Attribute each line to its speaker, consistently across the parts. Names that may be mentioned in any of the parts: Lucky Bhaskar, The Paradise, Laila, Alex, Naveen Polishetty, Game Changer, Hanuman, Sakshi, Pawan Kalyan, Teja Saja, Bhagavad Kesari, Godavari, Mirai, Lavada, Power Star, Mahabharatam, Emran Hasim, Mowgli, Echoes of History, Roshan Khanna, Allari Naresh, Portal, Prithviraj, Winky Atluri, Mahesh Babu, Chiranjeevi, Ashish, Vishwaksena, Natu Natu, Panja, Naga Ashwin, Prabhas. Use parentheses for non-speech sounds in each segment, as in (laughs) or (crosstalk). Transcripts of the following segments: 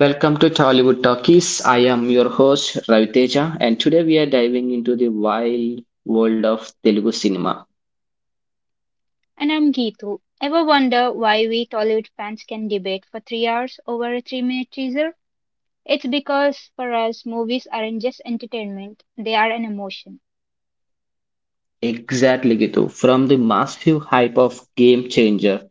Speaker 1: Welcome to Tollywood Talkies. I am your host Ravi Teja, and today we are diving into the wild world of Telugu cinema.
Speaker 2: And I'm Geetu. Ever wonder why we Tollywood fans can debate for 3 hours over a 3 minute teaser? It's because for us, movies aren't just entertainment, they are an emotion.
Speaker 1: Exactly, Gitu. From the massive hype of Game Changer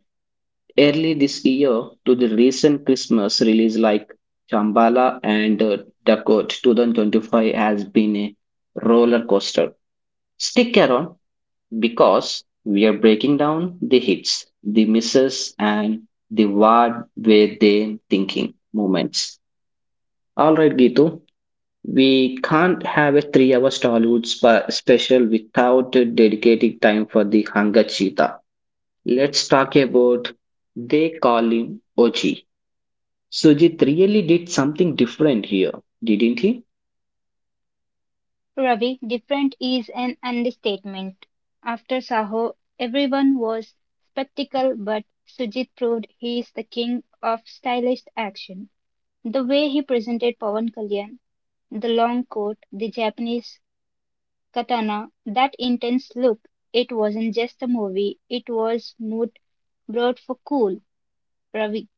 Speaker 1: early this year to the recent Christmas release like Chambala and Dakot 2025 has been a roller coaster. Stick around because we are breaking down the hits, the misses, and the what were they thinking moments. All right, Gitu. We can't have a 3 hour special without dedicating time for the hunger cheetah. Let's talk about they call him Oji. Sujit really did something different here, didn't he?
Speaker 2: Ravi, different is an understatement. After Saho, everyone was spectacle, but Sujit proved he is the king of stylized action. The way he presented Pawan Kalyan, the long coat, the Japanese Katana, that intense look, it wasn't just a movie, it was mood brought for cool, Ravi.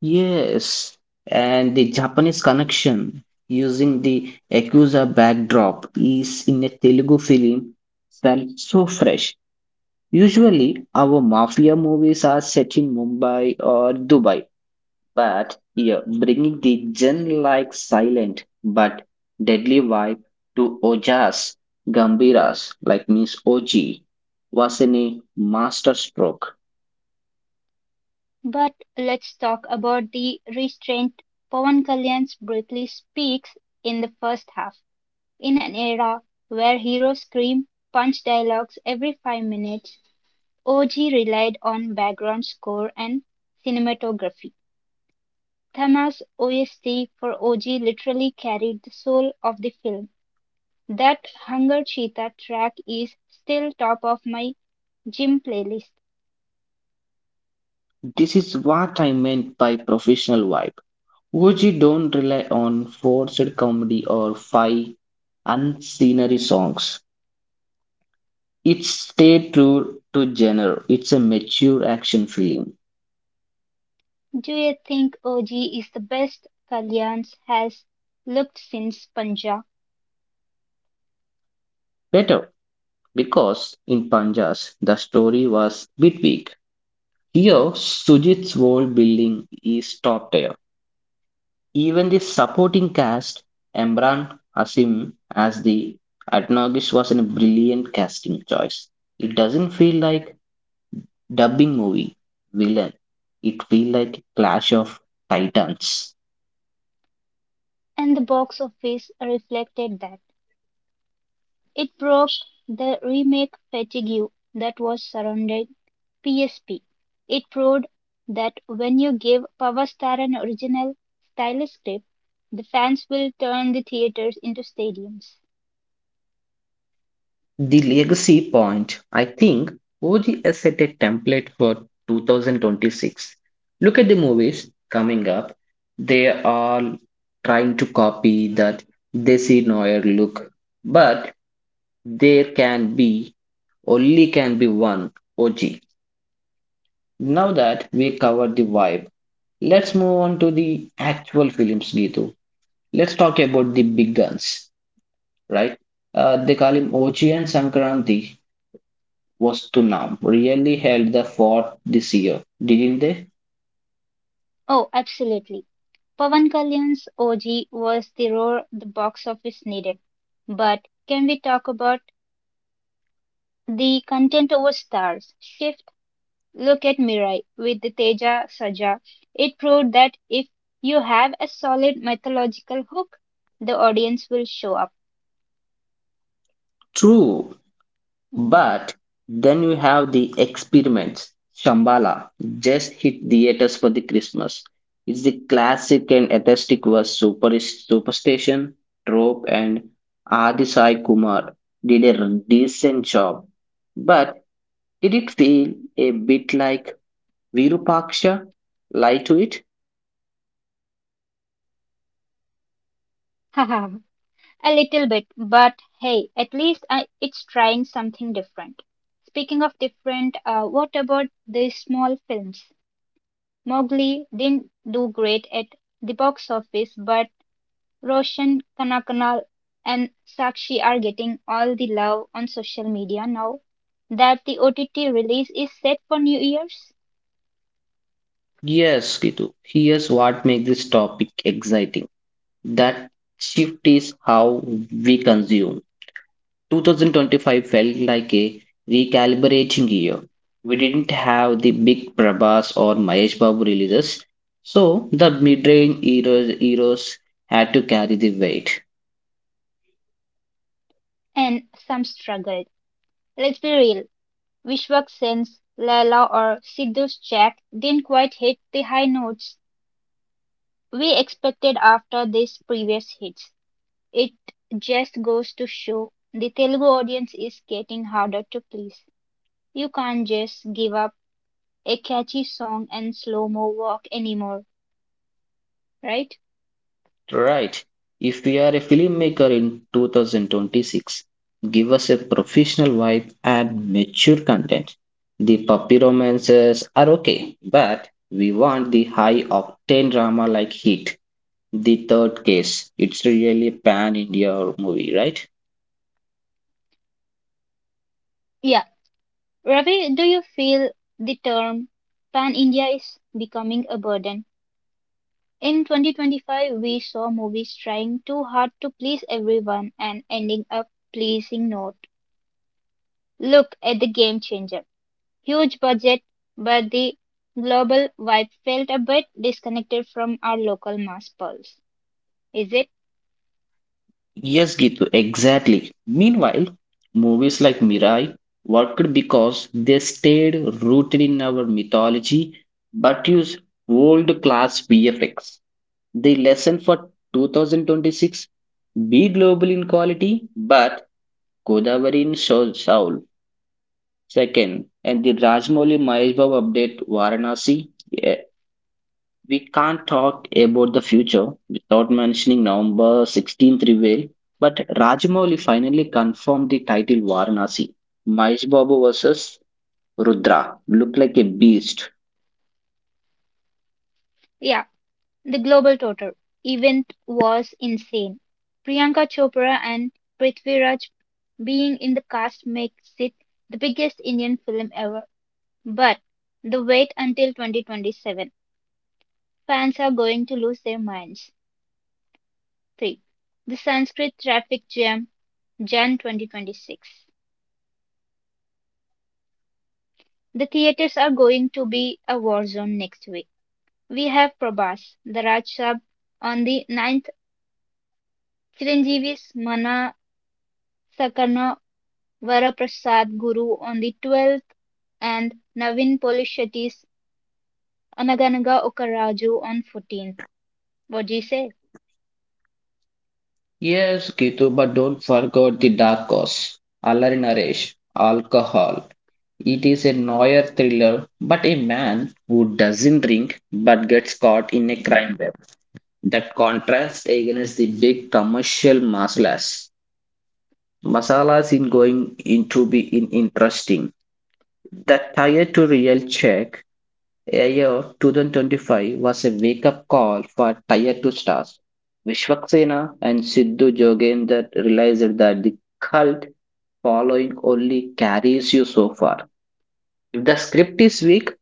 Speaker 1: Yes, and the Japanese connection using the Yakuza backdrop is in a Telugu film felt so fresh. Usually, our mafia movies are set in Mumbai or Dubai. But yeah, bringing the gen-like silent but deadly vibe to Ojas Gambiras, like means OG, was in a masterstroke.
Speaker 2: But let's talk about the restraint. Pawan Kalyan's briefly speaks in the first half. In an era where heroes scream punch dialogues every 5 minutes, OG relied on background score and cinematography. Thamma's OST for OG literally carried the soul of the film. That Hunger Cheetah track is still top of my gym playlist.
Speaker 1: This is what I meant by professional vibe. OG don't rely on forced comedy or five unscenery songs. It stay true to genre. It's a mature action film.
Speaker 2: Do you think OG is the best Kalyan's has looked since Panja?
Speaker 1: Better because in Panjas the story was bit weak. Here, Sujit's world building is top tier. Even the supporting cast, Emran Hasim as the Atnagish was a brilliant casting choice. It doesn't feel like dubbing movie villain. It feels like clash of titans.
Speaker 2: And the box office reflected that. It broke the remake fatigue that was surrounding PSP. It proved that when you give Power Star an original stylus script, the fans will turn the theaters into stadiums.
Speaker 1: The legacy point, I think, OG has set a template for 2026. Look at the movies coming up. They are trying to copy that Desi Noir look, but there can be only can be one OG. Now that we covered the vibe, let's move on to the actual films, Gitu. Let's talk about the big guns, right? They call him OG and Sankranti was to
Speaker 2: Mm.
Speaker 1: really held the fort this year, didn't they?
Speaker 2: Oh, absolutely. Pawan Kalyan's O.G. was the roar the box office needed. But can we talk about the content over stars shift? Look at Mirai with the Teja Saja. It proved that if you have a solid mythological hook, the audience will show up.
Speaker 1: True,
Speaker 2: Hmm.
Speaker 1: but then you have the experiments. Shambhala just hit theaters for the Christmas. It's the classic and atheistic was super superstition trope, and Adi Sai Kumar did a decent job. But did it feel a bit like Virupaksha? Lie to it?
Speaker 2: (laughs) A little bit, but hey, at least it's trying something different. Speaking of different, what about the small films? Mowgli didn't do great at the box office, but Roshan Khanna and Sakshi are getting all the love on social media now that the OTT release is set for New Year's.
Speaker 1: Yes, Kitu. Here's what makes this topic exciting. That shift is how we consume. 2025 felt like a recalibrating year. We didn't have the big Prabhas or Mahesh Babu releases, so the mid-range heroes had to carry the weight.
Speaker 2: And some struggled. Let's be real, Vishwak Sen's Laila or Sidhu's Jack didn't quite hit the high notes we expected after these previous hits. It just goes to show the Telugu audience is getting harder to please. You can't just give up a catchy song and slow-mo walk anymore, right?
Speaker 1: Right. If we are a filmmaker in 2026, give us a professional vibe and mature content. The puppy romances are okay, but we want the high octane drama like Heat. The third case. It's really a pan India or movie, right?
Speaker 2: Yeah. Ravi, do you feel the term Pan India is becoming a burden? In 2025, we saw movies trying too hard to please everyone and ending up pleasing not. Look at the game changer. Huge budget, but the global vibe felt a bit disconnected from our local mass pulse. Is it?
Speaker 1: Yes, Gitu, exactly. Meanwhile, movies like Mirai worked because they stayed rooted in our mythology but used world class VFX. The lesson for 2026 be global in quality but Godavari in soul. Second, and the Rajmouli Mahesh Babu update Varanasi, eh, we can't talk about the future without mentioning November 16th reveal, but Rajamouli finally confirmed the title Varanasi. Mahesh Babu versus Rudra look like a beast.
Speaker 2: Yeah. The global total event was insane. Priyanka Chopra and Prithviraj being in the cast makes it the biggest Indian film ever. But the wait until 2027. Fans are going to lose their minds. 3. The Sanskrit traffic jam, Jan 2026. The theatres are going to be a war zone next week. We have Prabhas, the Raj Saab on the ninth, Chiranjeevi's Mana Sakarna Varaprasad Guru on the 12th and Navin Poly Shetty's Anaganaga Okaraju on 14th. What do you say?
Speaker 1: Yes, Kitu, but don't forget the dark horse, Allari Naresh, alcohol. It is a noir thriller, but a man who doesn't drink but gets caught in a crime web. That contrasts against the big commercial marshals. Masalas in going into be in interesting. That tire to real check a year 2025 was a wake up call for tire to stars. Vishwaksena and Siddhu Jogender realized that the cult following only carries you so far. If the script is weak,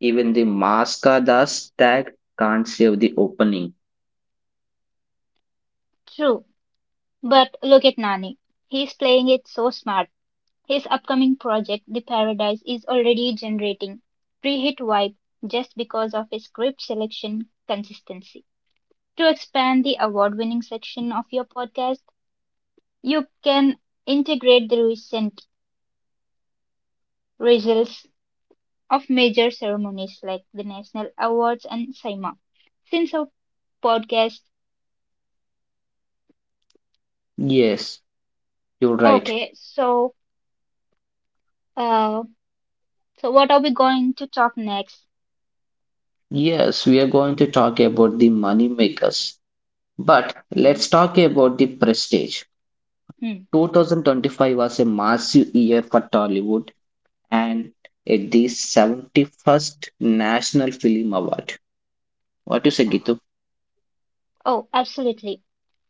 Speaker 1: even the Maska Das tag can't save the opening.
Speaker 2: True, but look at Nani. He's playing it so smart. His upcoming project, The Paradise, is already generating pre-hit vibe just because of his script selection consistency. To expand the award-winning section of your podcast, you can integrate the recent results of major ceremonies like the national awards and SIMA. Since our podcast,
Speaker 1: Yes, you're right.
Speaker 2: okay, so uh, so what are we going to talk next?
Speaker 1: Yes, we are going to talk about the money makers. But let's
Speaker 2: Mm,
Speaker 1: talk about the prestige.
Speaker 2: hmm.
Speaker 1: 2025 was a massive year for Tollywood and at the 71st National Film Award. What you say, Gitu?
Speaker 2: Oh, absolutely.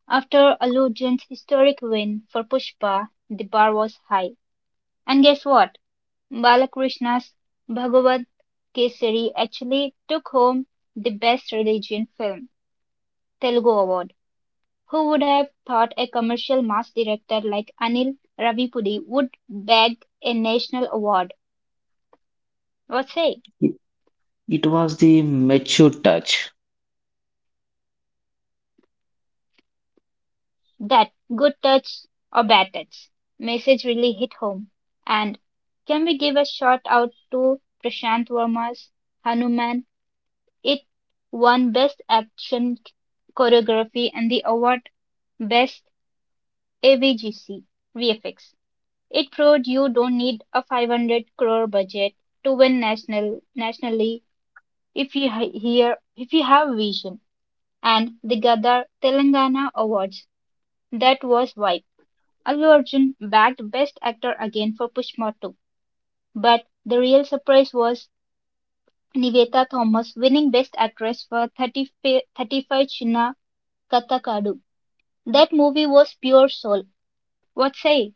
Speaker 2: After Aludion's historic win for Pushpa, the bar was high. And guess what? Balakrishna's Bhagavad Kesari actually took home the Best Religion Film Telugu Award. Who would have thought a commercial mass director like Anil Ravipudi would bag a national award? What say?
Speaker 1: It it was the mature touch.
Speaker 2: That good touch or bad touch message really hit home. And can we give a shout out to Prashant Verma's Hanuman? It won Best Action Choreography and the award Best AVGC. It proved you don't need a 500 crore budget to win nationally. If you ha- hear, if you have vision, and the Gadar Telangana Awards. That was vibe. Allu Arjun bagged Best Actor again for Pushpa 2, but the real surprise was Nivetha Thomas winning Best Actress for 30, 35 Chinna Kathakadu. That movie was pure soul. What say,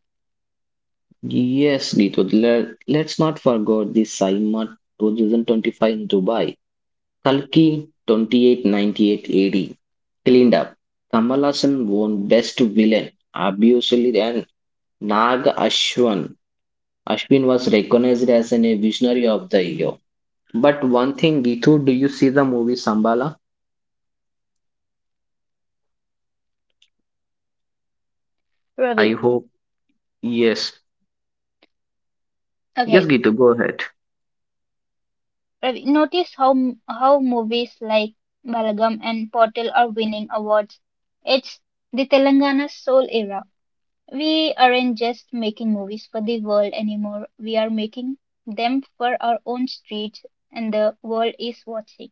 Speaker 1: Yes, Gitu. Let's not forget the Saima 2025 in Dubai. Kalki 2898 AD. Cleaned up. Kamal Hassan won Best Villain. Obviously, and Naga Ashwan Ashwin was recognized as a visionary of the year. But one thing, Gitu, do you see the movie Sambala? I
Speaker 2: Ravi?
Speaker 1: hope. Yes. Yes,
Speaker 2: Okay,
Speaker 1: Gitu, go ahead.
Speaker 2: Ravi, notice how movies like Balagam and Portal are winning awards. It's the Telangana soul era. We aren't just making movies for the world anymore, we are making them for our own streets, and the world is watching.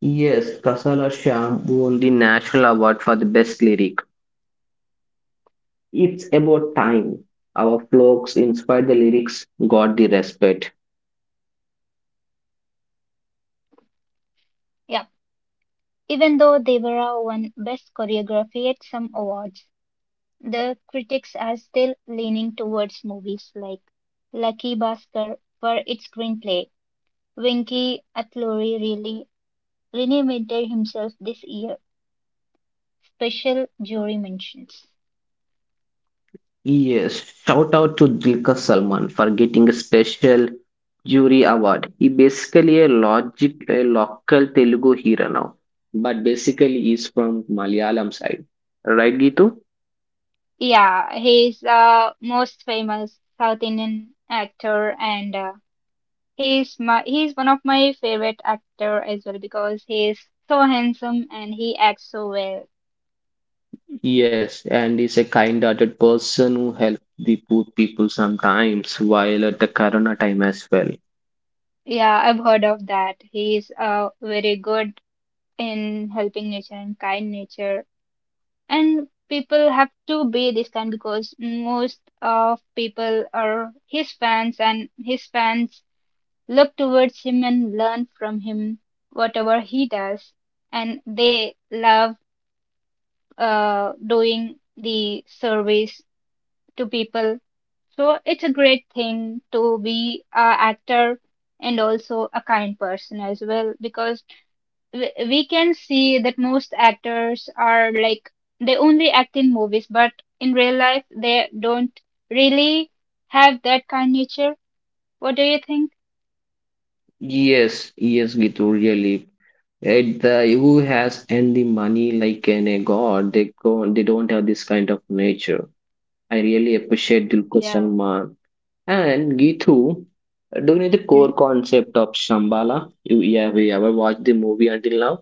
Speaker 1: Yes, Kasala Shyam won the National Award for the Best Lyric. It's about time. Our folks inspired the lyrics, got the respect.
Speaker 2: Yeah, even though Devara won Best Choreography at some awards, the critics are still leaning towards movies like Lucky Bhaskar for its screenplay. Winky Atluri really reinvented himself this year, special jury mentions.
Speaker 1: Yes, shout out to Dilka Salman for getting a special jury award. He basically a local Telugu hero now, but basically he's from Malayalam side. Right, Gitu?
Speaker 2: Yeah, he's most famous South Indian actor and he's one of my favorite actor as well because he's so handsome and he acts so well.
Speaker 1: Yes, and he's a kind-hearted person who helps the poor people sometimes while at the corona time as well.
Speaker 2: Yeah, I've heard of that. He's very good in helping nature and kind nature. And people have to be this kind because most of people are his fans and his fans look towards him and learn from him whatever he does, and they love doing the service to people. So it's a great thing to be an actor and also a kind person as well, because we can see that most actors are like they only act in movies but in real life they don't really have that kind nature. What do you think?
Speaker 1: Yes, yes, Gitu, really. At the who has and the money like an a god, they go they don't have this kind of nature. I really appreciate
Speaker 2: Yeah.
Speaker 1: Dulquer Salmaan and Geetu doing the
Speaker 2: Hmm?
Speaker 1: core concept of Shambhala. Yeah, we ever watched the movie until now?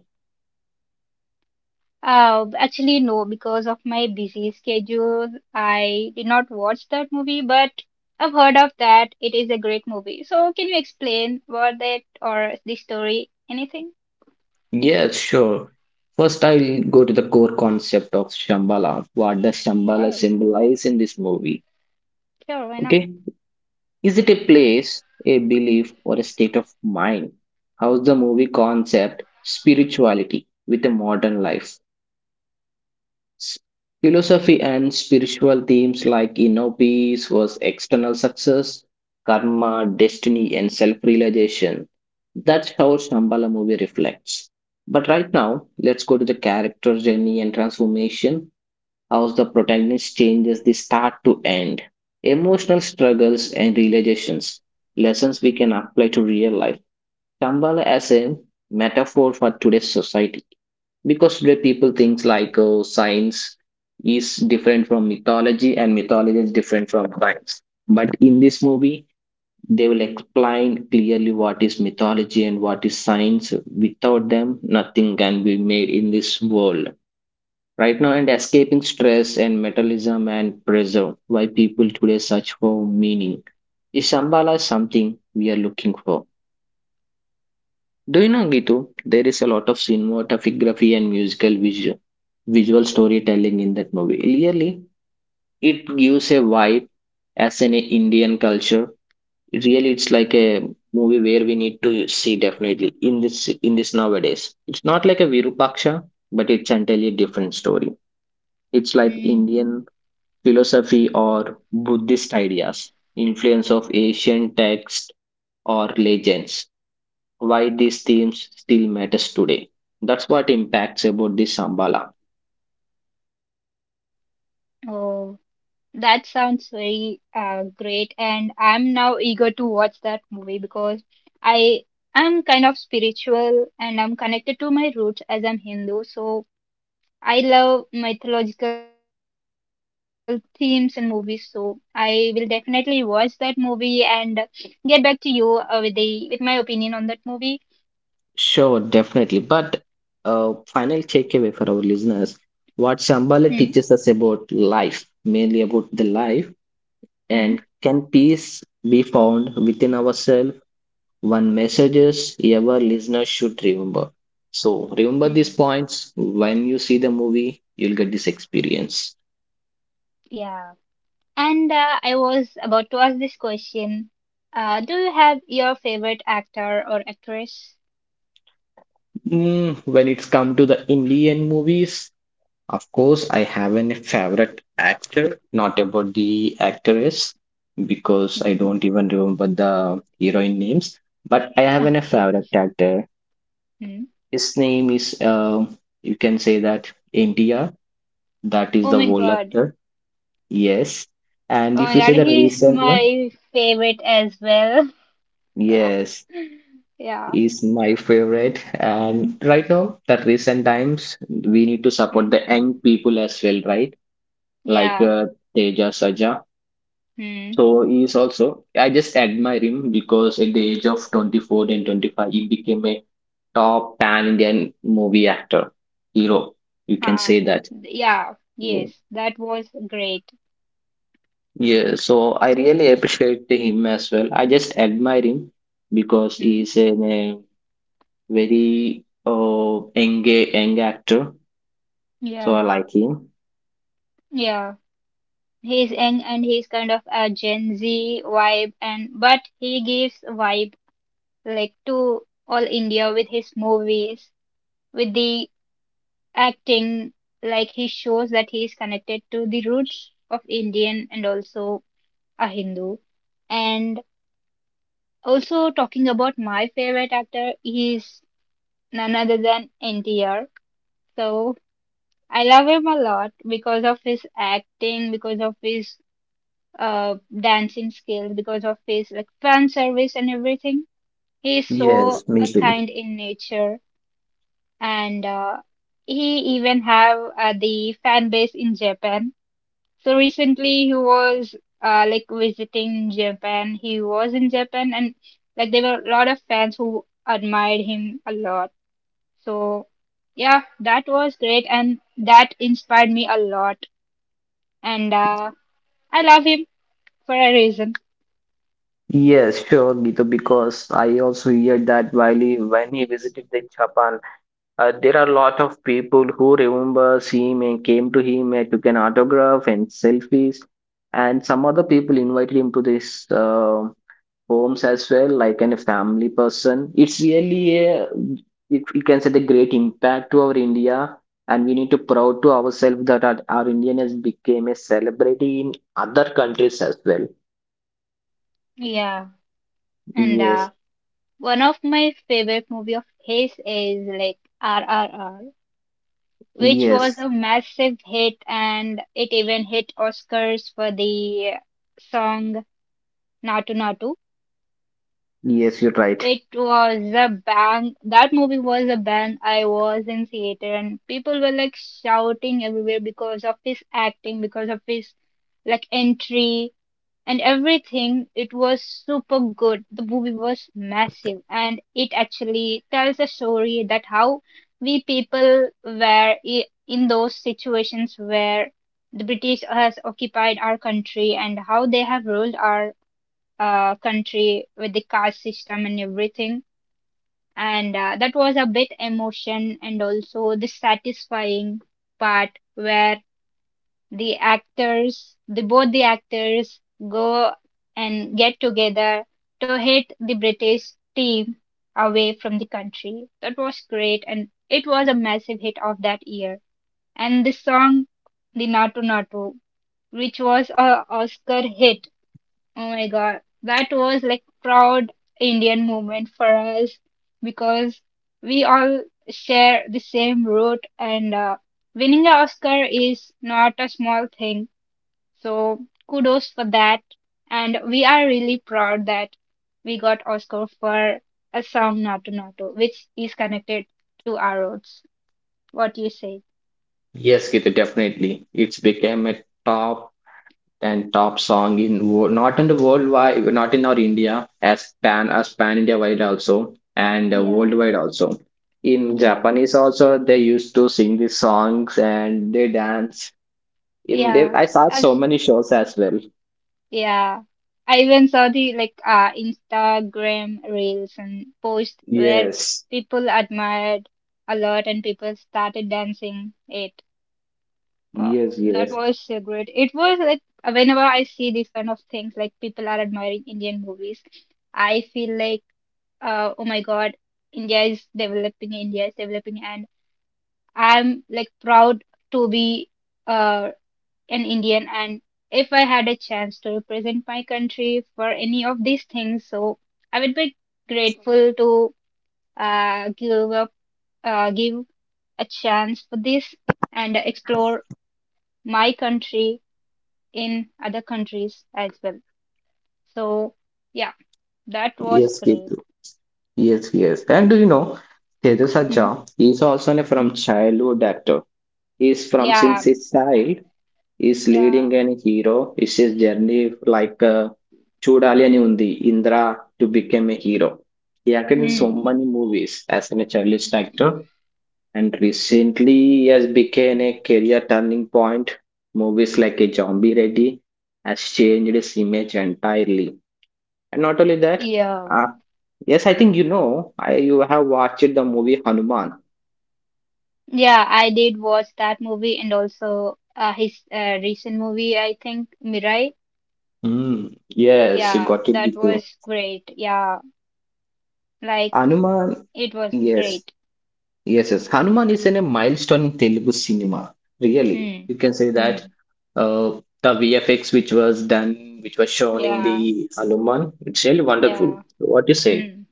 Speaker 2: Actually, no, because of my busy schedule, I did not watch that movie, but I've heard of that. It is a great movie. So, can you explain about that or the story? Anything?
Speaker 1: Yes, sure. First, I'll go to the core concept of Shambhala. What does Shambhala
Speaker 2: Sure,
Speaker 1: symbolize in this movie?
Speaker 2: sure, why not?
Speaker 1: Okay, is it a place, a belief, or a state of mind? How's the movie concept spirituality with a modern life? S- Philosophy and spiritual themes like inner peace was external success, karma, destiny, and self realization. That's how Shambhala movie reflects. But right now, let's go to the character journey and transformation, how the protagonist changes the start to end, emotional struggles and realizations, lessons we can apply to real life. Shambhala as a metaphor for today's society, because today people thinks like science is different from mythology and mythology is different from science, but in this movie they will explain clearly what is mythology and what is science. Without them nothing can be made in this world right now. And escaping stress and metalism and pressure, why people today search for meaning, is shambhala something we are looking for? Do you know, Gitu, there is a lot of cinematography and musical visual storytelling in that movie. Really, it gives a vibe as in a Indian culture. Really, it's like a movie where we need to see definitely in this nowadays. It's not like a Virupaksha, but it's entirely different story. It's like
Speaker 2: Hmm.
Speaker 1: Indian philosophy or Buddhist ideas, influence of Asian text or legends, why these themes still matters today. That's what impacts about this Sambala.
Speaker 2: Oh, that sounds very great, and I'm now eager to watch that movie because I am kind of spiritual and I'm connected to my roots as I'm Hindu. So, I love mythological themes in movies, so I will definitely watch that movie and get back to you with the with my opinion on that movie.
Speaker 1: Sure, definitely. But final takeaway for our listeners: what Shambhala
Speaker 2: Hmm.
Speaker 1: teaches us about life, mainly about the life,
Speaker 2: Hmm.
Speaker 1: and can peace be found within ourselves? One messages ever listener should remember. So remember these
Speaker 2: Hmm.
Speaker 1: points when you see the movie, you'll get this experience.
Speaker 2: Yeah. And I was about to ask this question. Do you have your favorite actor or actress?
Speaker 1: Mm, when it's come to the Indian movies, of course, I have a favorite actor, not about the actress, because I
Speaker 2: Hmm.
Speaker 1: don't even remember the heroine names. But I
Speaker 2: (laughs)
Speaker 1: have a
Speaker 2: Okay.
Speaker 1: favorite actor.
Speaker 2: Hmm.
Speaker 1: His name is, you can say that NTR. That is
Speaker 2: Oh
Speaker 1: the
Speaker 2: my
Speaker 1: old
Speaker 2: God.
Speaker 1: actor. Yes. And
Speaker 2: Oh
Speaker 1: if
Speaker 2: my
Speaker 1: you
Speaker 2: God.
Speaker 1: say the
Speaker 2: He's
Speaker 1: recent one,
Speaker 2: my favorite as well. (laughs)
Speaker 1: yes,
Speaker 2: Yeah.
Speaker 1: is my favorite. And right now, the recent times, we need to
Speaker 2: Hmm.
Speaker 1: support the young people as well, right? Like
Speaker 2: Yeah.
Speaker 1: Teja Saja.
Speaker 2: Hmm.
Speaker 1: So he is also, I just admire him because at the age of 24 and 25, he became a top pan Indian movie actor, hero. You
Speaker 2: Ah,
Speaker 1: can say that.
Speaker 2: yeah, yes,
Speaker 1: So,
Speaker 2: that was great.
Speaker 1: yeah, so I really appreciate him as well. I just admire him because
Speaker 2: Hmm?
Speaker 1: he is a very young actor. So I
Speaker 2: Yeah,
Speaker 1: like him.
Speaker 2: yeah. He's young and he's kind of a Gen Z vibe, and but he gives vibe like to all India with his movies, with the acting. Like he shows that he is connected to the roots of Indian and also a Hindu. And also talking about my favorite actor, he's none other than NTR. So I love him a lot because of his acting, because of his dancing skills, because of his like fan service and everything. He is so
Speaker 1: Yes, me too.
Speaker 2: kind in nature, and he even have the fan base in Japan. So recently he was like visiting Japan. He was in Japan, and like there were a lot of fans who admired him a lot. So yeah, that was great, and that inspired me a lot and I love him for a reason.
Speaker 1: Yes, sure, Gitu, because I also hear that while he, when he visited the Japan, there are a lot of people who remembers him and came to him and took an autograph and selfies. And some other people invited him to this homes as well, like a family person. It's really it, you can say the great impact to our India. And we need to proud to ourselves that our Indian has became a celebrity in other countries as well.
Speaker 2: Yeah, and
Speaker 1: Yes,
Speaker 2: one of my favorite movie of his is like RRR, which was
Speaker 1: yes,
Speaker 2: a massive hit, and it even hit Oscars for the song Natu Natu.
Speaker 1: yes, you're right.
Speaker 2: It was a bang. That movie was a bang. I was in theater and people were like shouting everywhere because of his acting, because of his like entry and everything. It was super good. The movie was massive, and it actually tells a story that how we people were I- in those situations where the British has occupied our country and how they have ruled our country with the caste system and everything. And that was a bit emotion and also the satisfying part where the both the actors go and get together to hit the British team away from the country. That was great, and it was a massive hit of that year. And the song, the Natu Natu, which was a Oscar hit. Oh my God, that was like proud Indian moment for us because we all share the same root and winning an Oscar is not a small thing, so kudos for that. And we are really proud that we got Oscar for a song Nato Nato, which is connected to our roots. What do you say?
Speaker 1: Yes, Gita, definitely. It's became a top and top song in not in the worldwide, not in our India as pan India wide also and
Speaker 2: Yeah,
Speaker 1: worldwide also. In
Speaker 2: yeah,
Speaker 1: Japanese also they used to sing these songs and they dance. In there,
Speaker 2: yeah.
Speaker 1: I saw
Speaker 2: I've,
Speaker 1: so many shows as well.
Speaker 2: yeah. I even saw the like Instagram reels and posts where
Speaker 1: Yes,
Speaker 2: people admired a lot and people started dancing it. Wow,
Speaker 1: yes,
Speaker 2: that
Speaker 1: yes,
Speaker 2: was so great. It was like whenever I see these kind of things, like people are admiring Indian movies, I feel like, oh my God, India is developing, and I'm like proud to be uh, an Indian. And if I had a chance to represent my country for any of these things, so I would be grateful to uh, give up, give a chance for this and explore my country in other countries as well. So yeah, that was
Speaker 1: yes,
Speaker 2: great.
Speaker 1: Ketu. Yes, yes. And do you know Tejas
Speaker 2: Hmm.
Speaker 1: Aja is also from childhood actor. He's from since
Speaker 2: Yeah,
Speaker 1: his child. Is
Speaker 2: yeah,
Speaker 1: leading and hero is his journey like చూడాలి అని ఉంది ఇంద్రా to become a hero. He acted in so
Speaker 2: Hmm.
Speaker 1: many movies as an established actor, and recently has become a career turning point. Movies like a Zombie Ready has changed his image entirely. And not only that,
Speaker 2: yeah,
Speaker 1: uh, yes, I think you know I, you have watched the movie Hanuman.
Speaker 2: yeah, I did watch that movie and also his recent movie, I think Mirai.
Speaker 1: Hmm. Yes, you
Speaker 2: Yeah,
Speaker 1: got it,
Speaker 2: that
Speaker 1: Gitu.
Speaker 2: was great. Yeah, like
Speaker 1: Hanuman,
Speaker 2: it was
Speaker 1: yes.
Speaker 2: great.
Speaker 1: Yes, yes. Hanuman is in a milestone in Telugu cinema. Really,
Speaker 2: Hmm.
Speaker 1: you can say that,
Speaker 2: Hmm.
Speaker 1: uh, the VFX which was done, which was shown in the
Speaker 2: Yeah.
Speaker 1: Hanuman, it's really wonderful.
Speaker 2: Yeah.
Speaker 1: What you say?
Speaker 2: Hmm.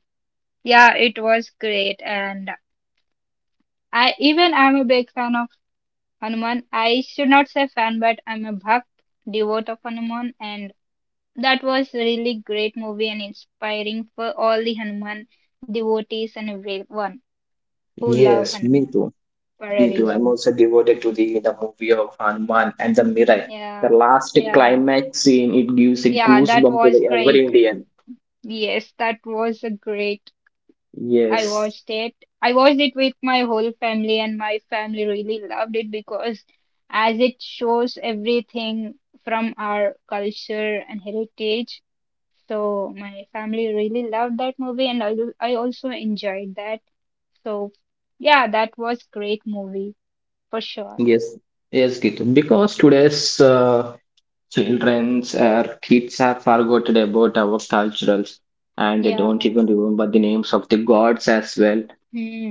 Speaker 2: Yeah, it was great, and I'm a big fan of Hanuman. I should not say fan, but I'm a bhakt, devote of Hanuman, and that was a really great movie and inspiring for all the Hanuman devotees and everyone who love
Speaker 1: Yes, me
Speaker 2: Hanuman
Speaker 1: too.
Speaker 2: for a
Speaker 1: Me too. I'm
Speaker 2: reason.
Speaker 1: also devoted to the movie of Hanuman and the Mirai. The
Speaker 2: Yeah,
Speaker 1: last
Speaker 2: yeah,
Speaker 1: climax scene, it gives a
Speaker 2: yeah, that
Speaker 1: goosebump to
Speaker 2: was
Speaker 1: the
Speaker 2: great.
Speaker 1: every Indian.
Speaker 2: Yes, that was a great. I
Speaker 1: Yes,
Speaker 2: watched it. I watched it with my whole family, and my family really loved it because as it shows everything from our culture and heritage. So my family really loved that movie, and I also enjoyed that. So yeah, that was great movie for sure.
Speaker 1: yes, yes, Gitu. Because today's uh, Childrens or kids are forgotten about our cultures and they don't
Speaker 2: Yeah.
Speaker 1: even remember the names of the gods as well.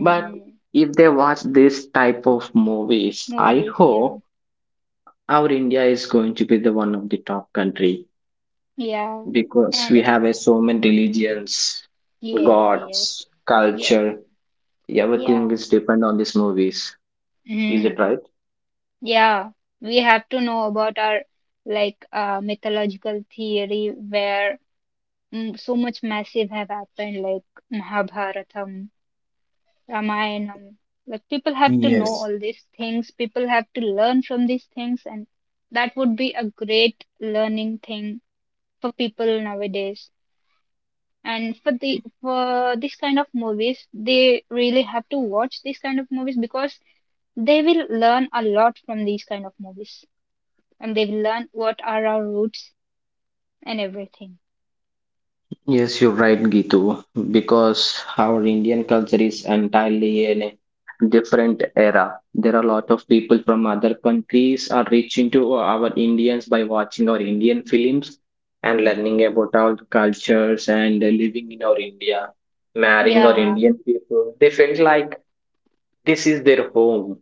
Speaker 1: But if they watch this type of movies, I
Speaker 2: Movies, yeah.
Speaker 1: hope our India is going to be the one of the top country
Speaker 2: Yeah.
Speaker 1: because we
Speaker 2: And
Speaker 1: have a so many religions,
Speaker 2: yes, yes,
Speaker 1: gods,
Speaker 2: yes,
Speaker 1: culture, everything
Speaker 2: yeah.
Speaker 1: is depend on these movies. Is it
Speaker 2: Mm,
Speaker 1: right?
Speaker 2: yeah. We have to know about our like mythological theory where so much massive have happened like Mahabharatam Ramayana. Like people have to know
Speaker 1: Yes,
Speaker 2: all these things. People have to learn from these things, and that would be a great learning thing for people nowadays. And for the for this kind of movies, they really have to watch these kind of movies because they will learn a lot from these kind of movies, and they will learn what are our roots and everything.
Speaker 1: yes, you're right, Gitu, because our Indian culture is entirely in a different era. There are a lot of people from other countries are reaching to our Indians by watching our Indian films and
Speaker 2: Hmm.
Speaker 1: learning about our cultures and living in our India, marrying our
Speaker 2: Yeah,
Speaker 1: Indian people. They felt like this is their home,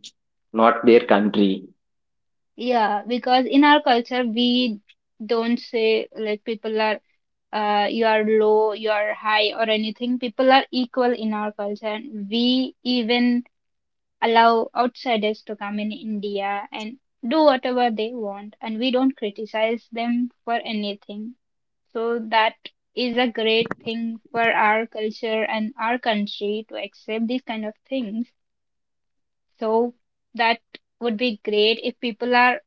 Speaker 1: not their country.
Speaker 2: yeah, because in our culture, we don't say like people are you are low, you are high, or anything. People are equal in our culture, and we even allow outsiders to come in India and do whatever they want, and we don't criticize them for anything. So that is a great thing for our culture and our country to accept these kind of things. So that would be great if people are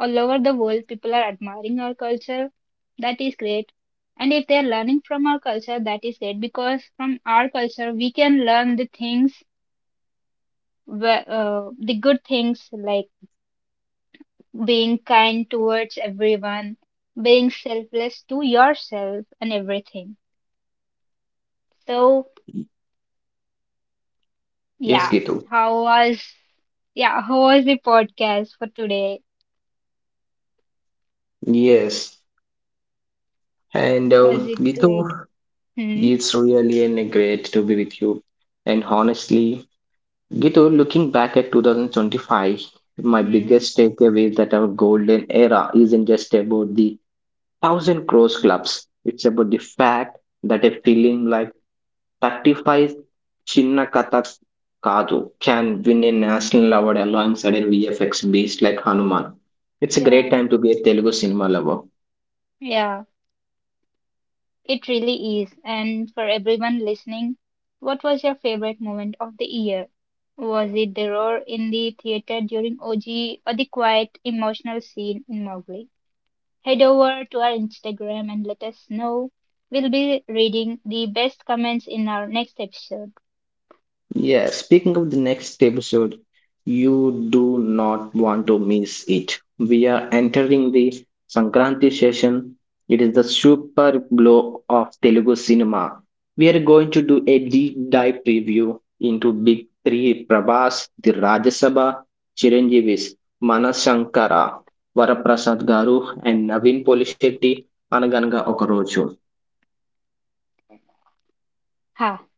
Speaker 2: all over the world, people are admiring our culture. That is great. And if they are learning from our culture, that is great because from our culture, we can learn the things, the good things like being kind towards everyone, being selfless to yourself, and everything. So,
Speaker 1: Yes,
Speaker 2: yeah,
Speaker 1: Gitu.
Speaker 2: how was, yeah, how was the podcast for today?
Speaker 1: Yes. And
Speaker 2: Was it
Speaker 1: Gitu,
Speaker 2: great? Hmm.
Speaker 1: it's really an great to be with you. And honestly, Gitu, looking back at 2025, my
Speaker 2: Hmm.
Speaker 1: biggest takeaway is that our golden era isn't just about the thousand crores clubs. It's about the fact that a film like 35 Chinna Katha Kadu can win a national award alongside a VFX beast like Hanuman. It's a great
Speaker 2: Yeah.
Speaker 1: time to be a Telugu cinema lover.
Speaker 2: Yeah. It really is. And for everyone listening, what was your favorite moment of the year? Was it the roar in the theater during OG or the quiet emotional scene in Mowgli? Head over to our Instagram and let us know. We'll be reading the best comments in our next episode.
Speaker 1: Yeah, speaking of the next episode, you do not want to miss it. We are entering the Sankranti session. It is the super blow of Telugu cinema. We are going to do a deep dive preview into big three Prabhas, the Rajya Sabha, Chiranjeevis, Manas Shankara, Varaprasad Garu, and Naveen Polishetty అనగనగా ఒక.
Speaker 2: Ha!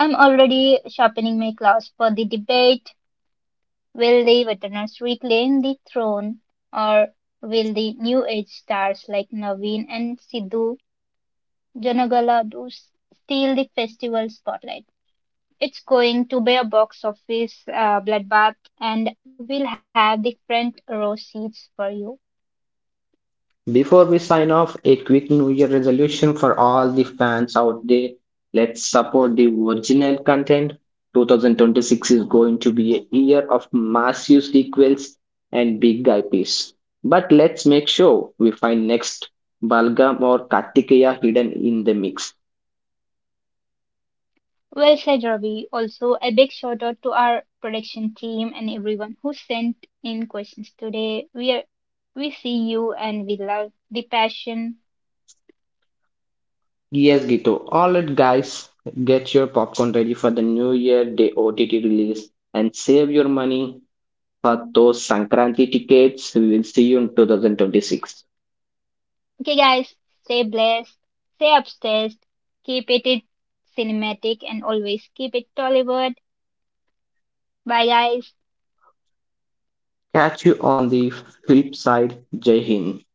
Speaker 2: I'm already sharpening my claws for the debate. Will the veterans reclaim the throne or will the new age stars like Naveen and Sidhu steal the festival spotlight? It's going to be a box office bloodbath, and we'll have the front row seats for you.
Speaker 1: Before we sign off, a quick New Year resolution for all the fans out there. Let's support the original content. 2026 is going to be a year of massive sequels and big IPs. But let's make sure we find next Balgam or Kartikeya hidden in the mix.
Speaker 2: Well said, Ravi. Also, a big shout out to our production team and everyone who sent in questions today. We see you and we love the passion.
Speaker 1: Yes, Gito. All right, guys, get your popcorn ready for the New Year Day OTT release and save your money for those Sankranti tickets. We will see you in 2026.
Speaker 2: Okay, guys, stay blessed, stay upstairs, keep it cinematic, and always keep it Tollywood. Bye, guys.
Speaker 1: Catch you on the flip side. Jai Hind.